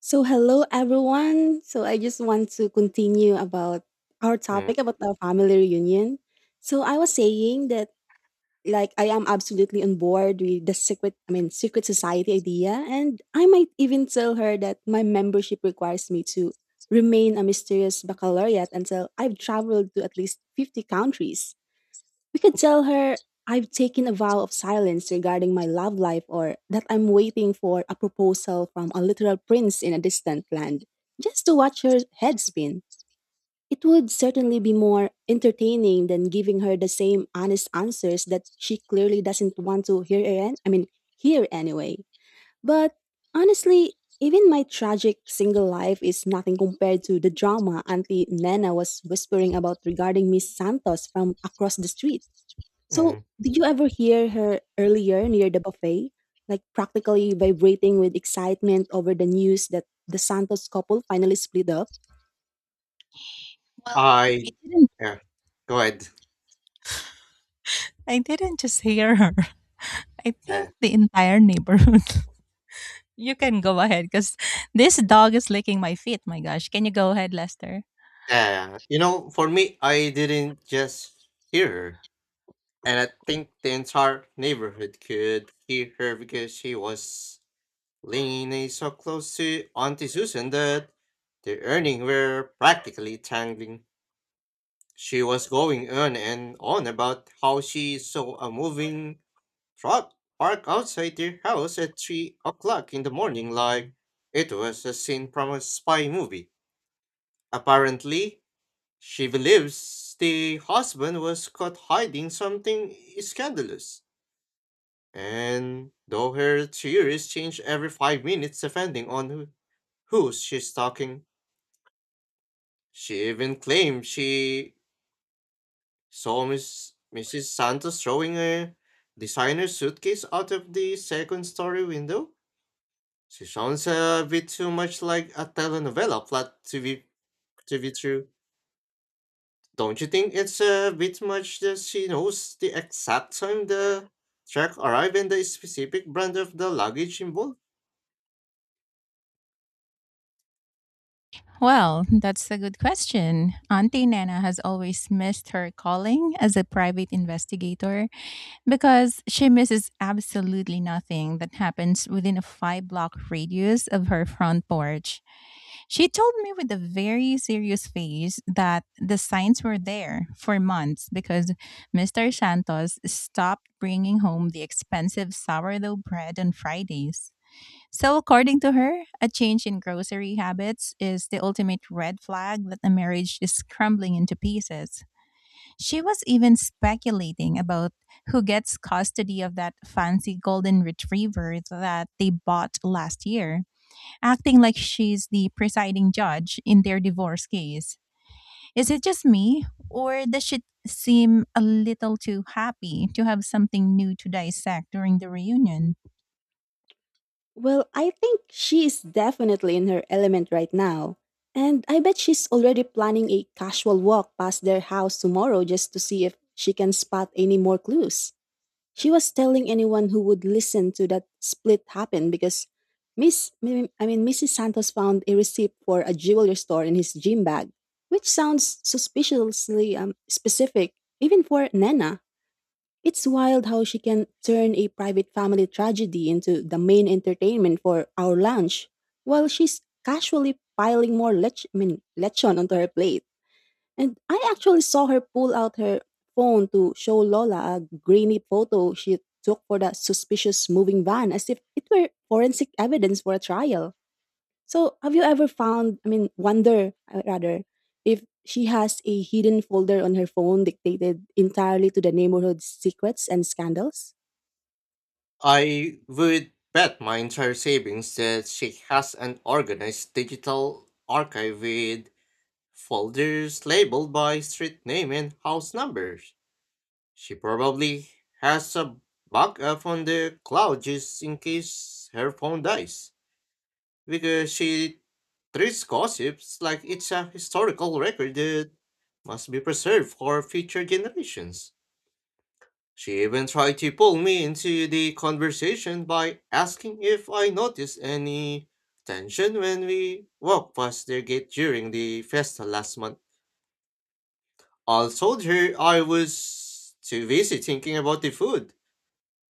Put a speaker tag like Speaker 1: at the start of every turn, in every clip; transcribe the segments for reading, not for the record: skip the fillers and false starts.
Speaker 1: So hello everyone. So I just want to continue about our
Speaker 2: Mm,
Speaker 1: topic about our family reunion. So I was saying that like I am absolutely on board with the secret society idea, and I might even tell her that my membership requires me to remain a mysterious baccalaureate until I've traveled to at least 50 countries. We could tell her I've taken a vow of silence regarding my love life, or that I'm waiting for a proposal from a literal prince in a distant land, just to watch her head spin. It would certainly be more entertaining than giving her the same honest answers that she clearly doesn't want to hear an- I mean hear anyway. But honestly, even my tragic single life is nothing compared to the drama Auntie Nana was whispering about regarding Miss Santos from across the street. So,
Speaker 2: mm.
Speaker 1: did you ever hear her earlier near the buffet, like practically vibrating with excitement over the news that the Santos couple finally split up?
Speaker 3: Well,
Speaker 2: I
Speaker 3: I didn't
Speaker 2: yeah. Go ahead.
Speaker 3: I didn't just hear her. I think
Speaker 2: Yeah.
Speaker 3: the entire neighborhood. You can go ahead because this dog is licking my feet. My gosh. Can you go ahead, Lester?
Speaker 2: Yeah. You know, for me, I didn't just hear her. And I think the entire neighborhood could hear her because she was leaning so close to Auntie Susan that the earnings were practically tangling. She was going on and on about how she saw a moving truck parked outside their house at 3 o'clock in the morning, like it was a scene from a spy movie. Apparently, she believes the husband was caught hiding something scandalous. And though her theories change every 5 minutes depending on who she's talking, she even claimed she saw Mrs. Santos throwing a designer suitcase out of the second story window. She sounds a bit too much like a telenovela plot to be true. Don't you think it's a bit much that she knows the exact time the truck arrived and the specific brand of the luggage involved?
Speaker 3: Well, that's a good question. Auntie Nana has always missed her calling as a private investigator because she misses absolutely nothing that happens within a five block radius of her front porch. She told me with a very serious face that the signs were there for months because Mr. Santos stopped bringing home the expensive sourdough bread on Fridays. So, according to her, a change in grocery habits is the ultimate red flag that a marriage is crumbling into pieces. She was even speculating about who gets custody of that fancy golden retriever that they bought last year, acting like she's the presiding judge in their divorce case. Is it just me, or does she seem a little too happy to have something new to dissect during the reunion?
Speaker 1: Well, I think she is definitely in her element right now. And I bet she's already planning a casual walk past their house tomorrow, just to see if she can spot any more clues. She was telling anyone who would listen to that split happen because Miss mi- I mean Mrs. Santos found a receipt for a jewelry store in his gym bag, which sounds suspiciously specific, even for Nena. It's wild how she can turn a private family tragedy into the main entertainment for our lunch while she's casually piling more lechon onto her plate. And I actually saw her pull out her phone to show Lola a grainy photo she took for that suspicious moving van, as if it were forensic evidence for a trial. So, have you ever found, I mean, wonder rather, if she has a hidden folder on her phone dictated entirely to the neighborhood's secrets and scandals?
Speaker 2: I would bet my entire savings that she has an organized digital archive with folders labeled by street name and house numbers. She probably has a backup on the cloud, just in case her phone dies, because she treats gossips like it's a historical record that must be preserved for future generations. She even tried to pull me into the conversation by asking if I noticed any tension when we walked past their gate during the festa last month. I told her I was too busy thinking about the food.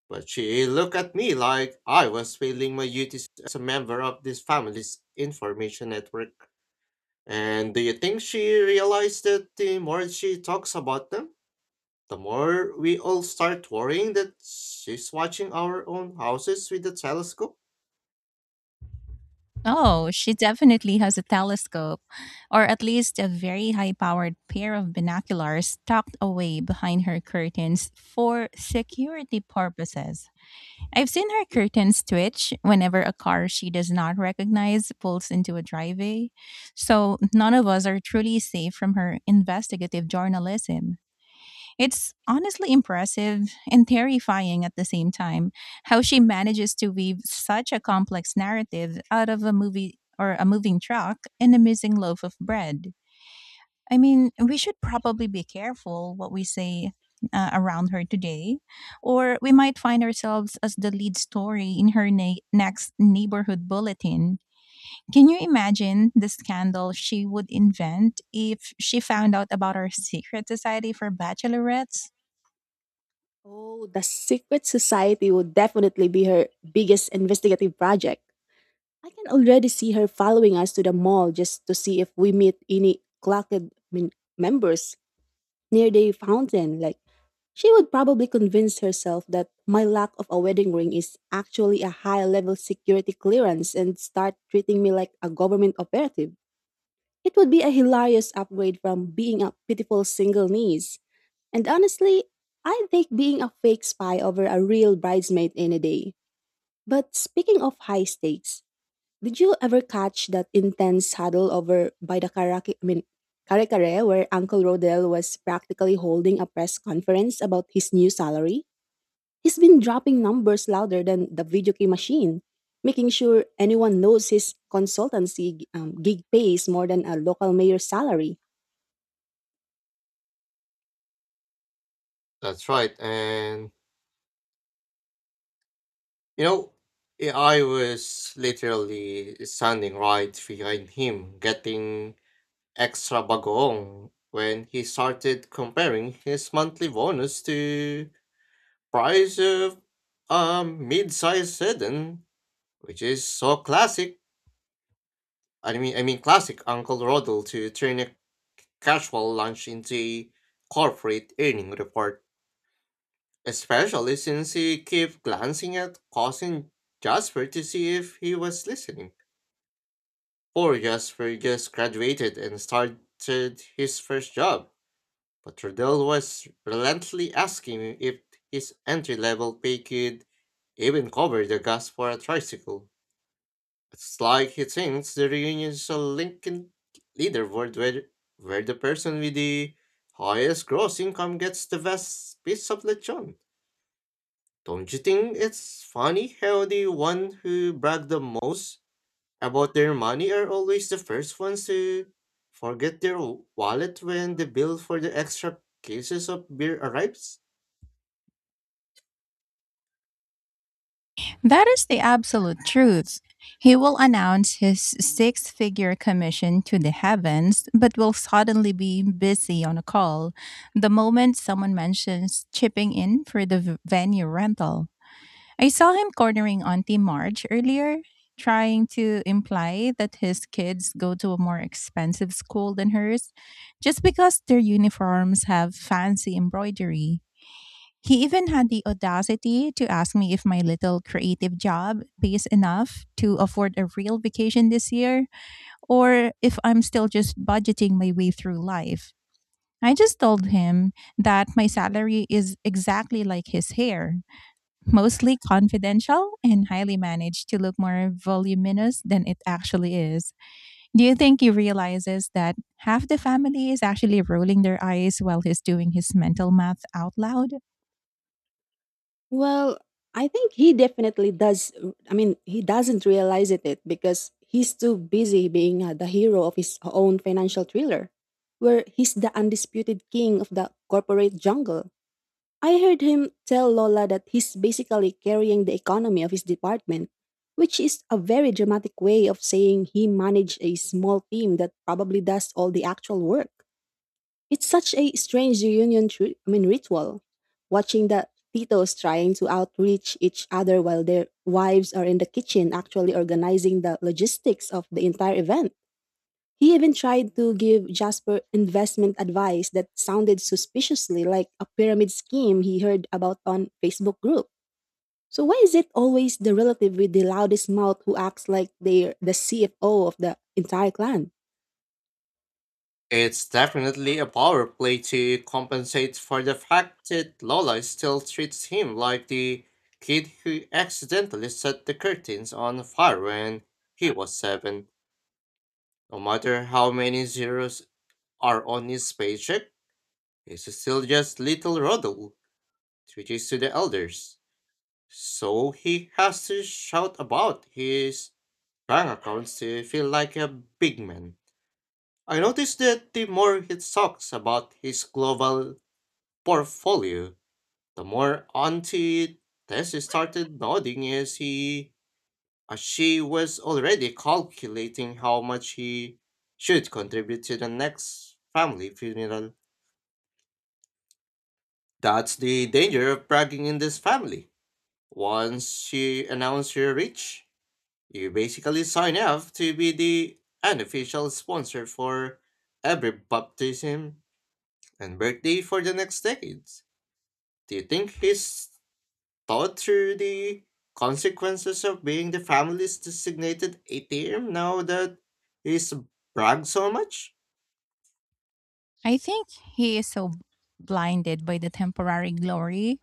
Speaker 2: But she looked at me like I was failing my duties as a member of this family's information network. And do you think she realized that the more she talks about them, the more we all start worrying that she's watching our own houses with the telescope?
Speaker 3: Oh, she definitely has a telescope, or at least a very high powered pair of binoculars tucked away behind her curtains for security purposes. I've seen her curtains twitch whenever a car she does not recognize pulls into a driveway, so none of us are truly safe from her investigative journalism. It's honestly impressive and terrifying at the same time how she manages to weave such a complex narrative out of a movie or a moving truck and a missing loaf of bread. I mean, we should probably be careful what we say around her today, or we might find ourselves as the lead story in her next neighborhood bulletin. Can you imagine the scandal she would invent if she found out about our secret society for bachelorettes?
Speaker 1: Oh, the Secret Society would definitely be her biggest investigative project. I can already see her following us to the mall just to see if we meet any members near the fountain. Like, she would probably convince herself that my lack of a wedding ring is actually a high level security clearance and start treating me like a government operative. It would be a hilarious upgrade from being a pitiful single niece. And honestly, I take being a fake spy over a real bridesmaid any day. But speaking of high stakes, did you ever catch that intense huddle over by the kare kare, where Uncle Rodell was practically holding a press conference about his new salary? He's been dropping numbers louder than the video game machine, making sure anyone knows his consultancy gig pays more than a local mayor's salary.
Speaker 2: That's right. And, you know, I was literally standing right behind him, getting extra bagoong when he started comparing his monthly bonus to price of a mid-sized sedan, which is so classic. I mean, classic Uncle Rodel, to turn a casual lunch into a corporate earning report. Especially since he kept glancing at cousin Jasper to see if he was listening. Poor Jasper just graduated and started his first job, but Rodel was relentlessly asking if his entry-level pay could even cover the gas for a tricycle. It's like he thinks the reunion is a Lincoln leaderboard, where the person with the highest gross income gets the best piece of lechon. Don't you think it's funny how the one who brag the most about their money are always the first ones to forget their wallet when the bill for the extra cases of beer arrives?
Speaker 3: That is the absolute truth. He will announce his six figure commission to the heavens, but will suddenly be busy on a call the moment someone mentions chipping in for the venue rental. I saw him cornering Auntie Marge earlier, trying to imply that his kids go to a more expensive school than hers just because their uniforms have fancy embroidery. He even had the audacity to ask me if my little creative job pays enough to afford a real vacation this year or if I'm still just budgeting my way through life. I just told him that my salary is exactly like his hair, mostly confidential and highly managed to look more voluminous than it actually is. Do you think he realizes that half the family is actually rolling their eyes while he's doing his mental math out loud?
Speaker 1: Well, I think he definitely does. He doesn't realize it because he's too busy being the hero of his own financial thriller, where he's the undisputed king of the corporate jungle. I heard him tell Lola that he's basically carrying the economy of his department, which is a very dramatic way of saying he managed a small team that probably does all the actual work. It's such a strange reunion, tr- I mean, ritual. Watching the titos trying to outreach each other while their wives are in the kitchen, actually organizing the logistics of the entire event. He even tried to give Jasper investment advice that sounded suspiciously like a pyramid scheme he heard about on Facebook group. So why is it always the relative with the loudest mouth who acts like they're the CFO of the entire clan?
Speaker 2: It's definitely a power play to compensate for the fact that Lola still treats him like the kid who accidentally set the curtains on fire when he was seven. No matter how many zeros are on his paycheck, he's still just little Rodel, teaches to the elders. So he has to shout about his bank accounts to feel like a big man. I noticed that the more he talks about his global portfolio, the more Auntie Tess started nodding, as he as she was already calculating how much he should contribute to the next family funeral. That's the danger of bragging in this family. Once you announce you're rich, you basically sign up to be the unofficial sponsor for every baptism and birthday for the next decades. Do you think he's thought through the consequences of being the family's designated ATM now that he's bragged so much?
Speaker 3: I think he is so blinded by the temporary glory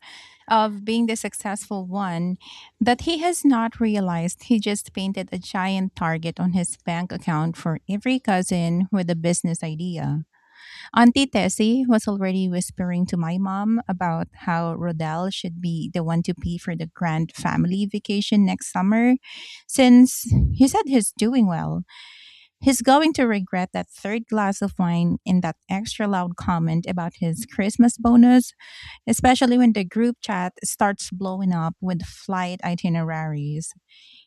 Speaker 3: of being the successful one that he has not realized he just painted a giant target on his bank account for every cousin with a business idea. Auntie Tessie was already whispering to my mom about how Rodell should be the one to pay for the grand family vacation next summer since he said he's doing well. He's going to regret that third glass of wine and that extra loud comment about his Christmas bonus, especially when the group chat starts blowing up with flight itineraries.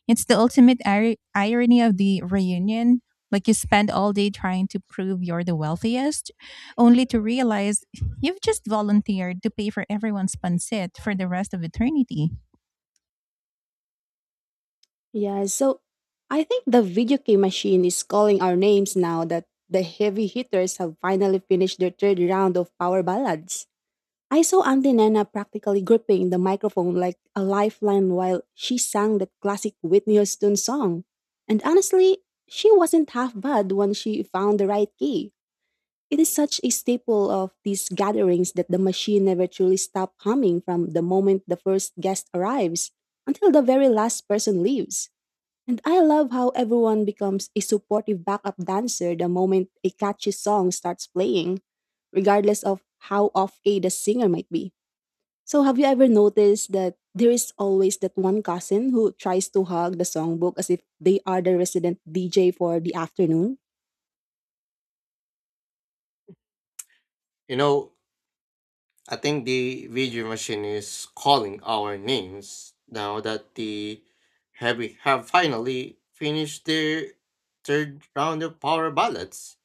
Speaker 3: It's the ultimate irony of the reunion. Like you spend all day trying to prove you're the wealthiest, only to realize you've just volunteered to pay for everyone's pancit for the rest of eternity.
Speaker 1: Yeah, so I think the video game machine is calling our names now that the heavy hitters have finally finished their third round of power ballads. I saw Auntie Nana practically gripping the microphone like a lifeline while she sang that classic Whitney Houston song. And honestly, she wasn't half bad when she found the right key. It is such a staple of these gatherings that the machine never truly stops humming from the moment the first guest arrives until the very last person leaves. And I love how everyone becomes a supportive backup dancer the moment a catchy song starts playing, regardless of how off key the singer might be. So, have you ever noticed that there is always that one cousin who tries to hug the songbook as if they are the resident DJ for the afternoon?
Speaker 2: You know, I think the video machine is calling our names now that the heavy have finally finished their third round of power ballots.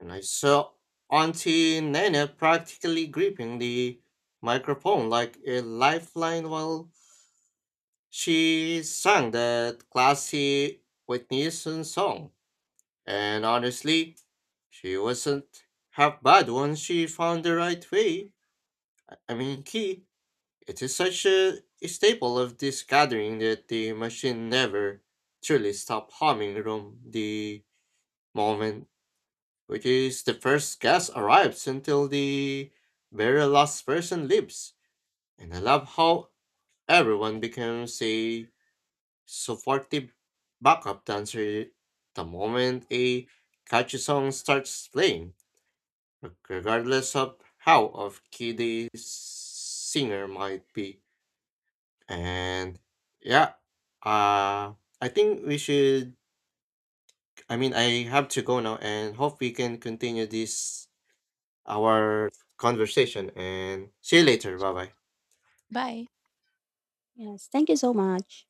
Speaker 2: And I saw Auntie Nana practically gripping the microphone like a lifeline while she sang that classy Whitney Houston song. And honestly, she wasn't half bad once she found the right way. I mean, key. It is such a staple of this gathering that the machine never truly stopped humming from the moment, which is the first guest arrives, until the very last person leaves. And I love how everyone becomes a supportive backup dancer the moment a catchy song starts playing, regardless of how off key the singer might be. And yeah, uh, I think we should. I mean, I have to go now and hope we can continue this our conversation. And see you later. Bye bye.
Speaker 3: Bye.
Speaker 1: Yes, thank you so much.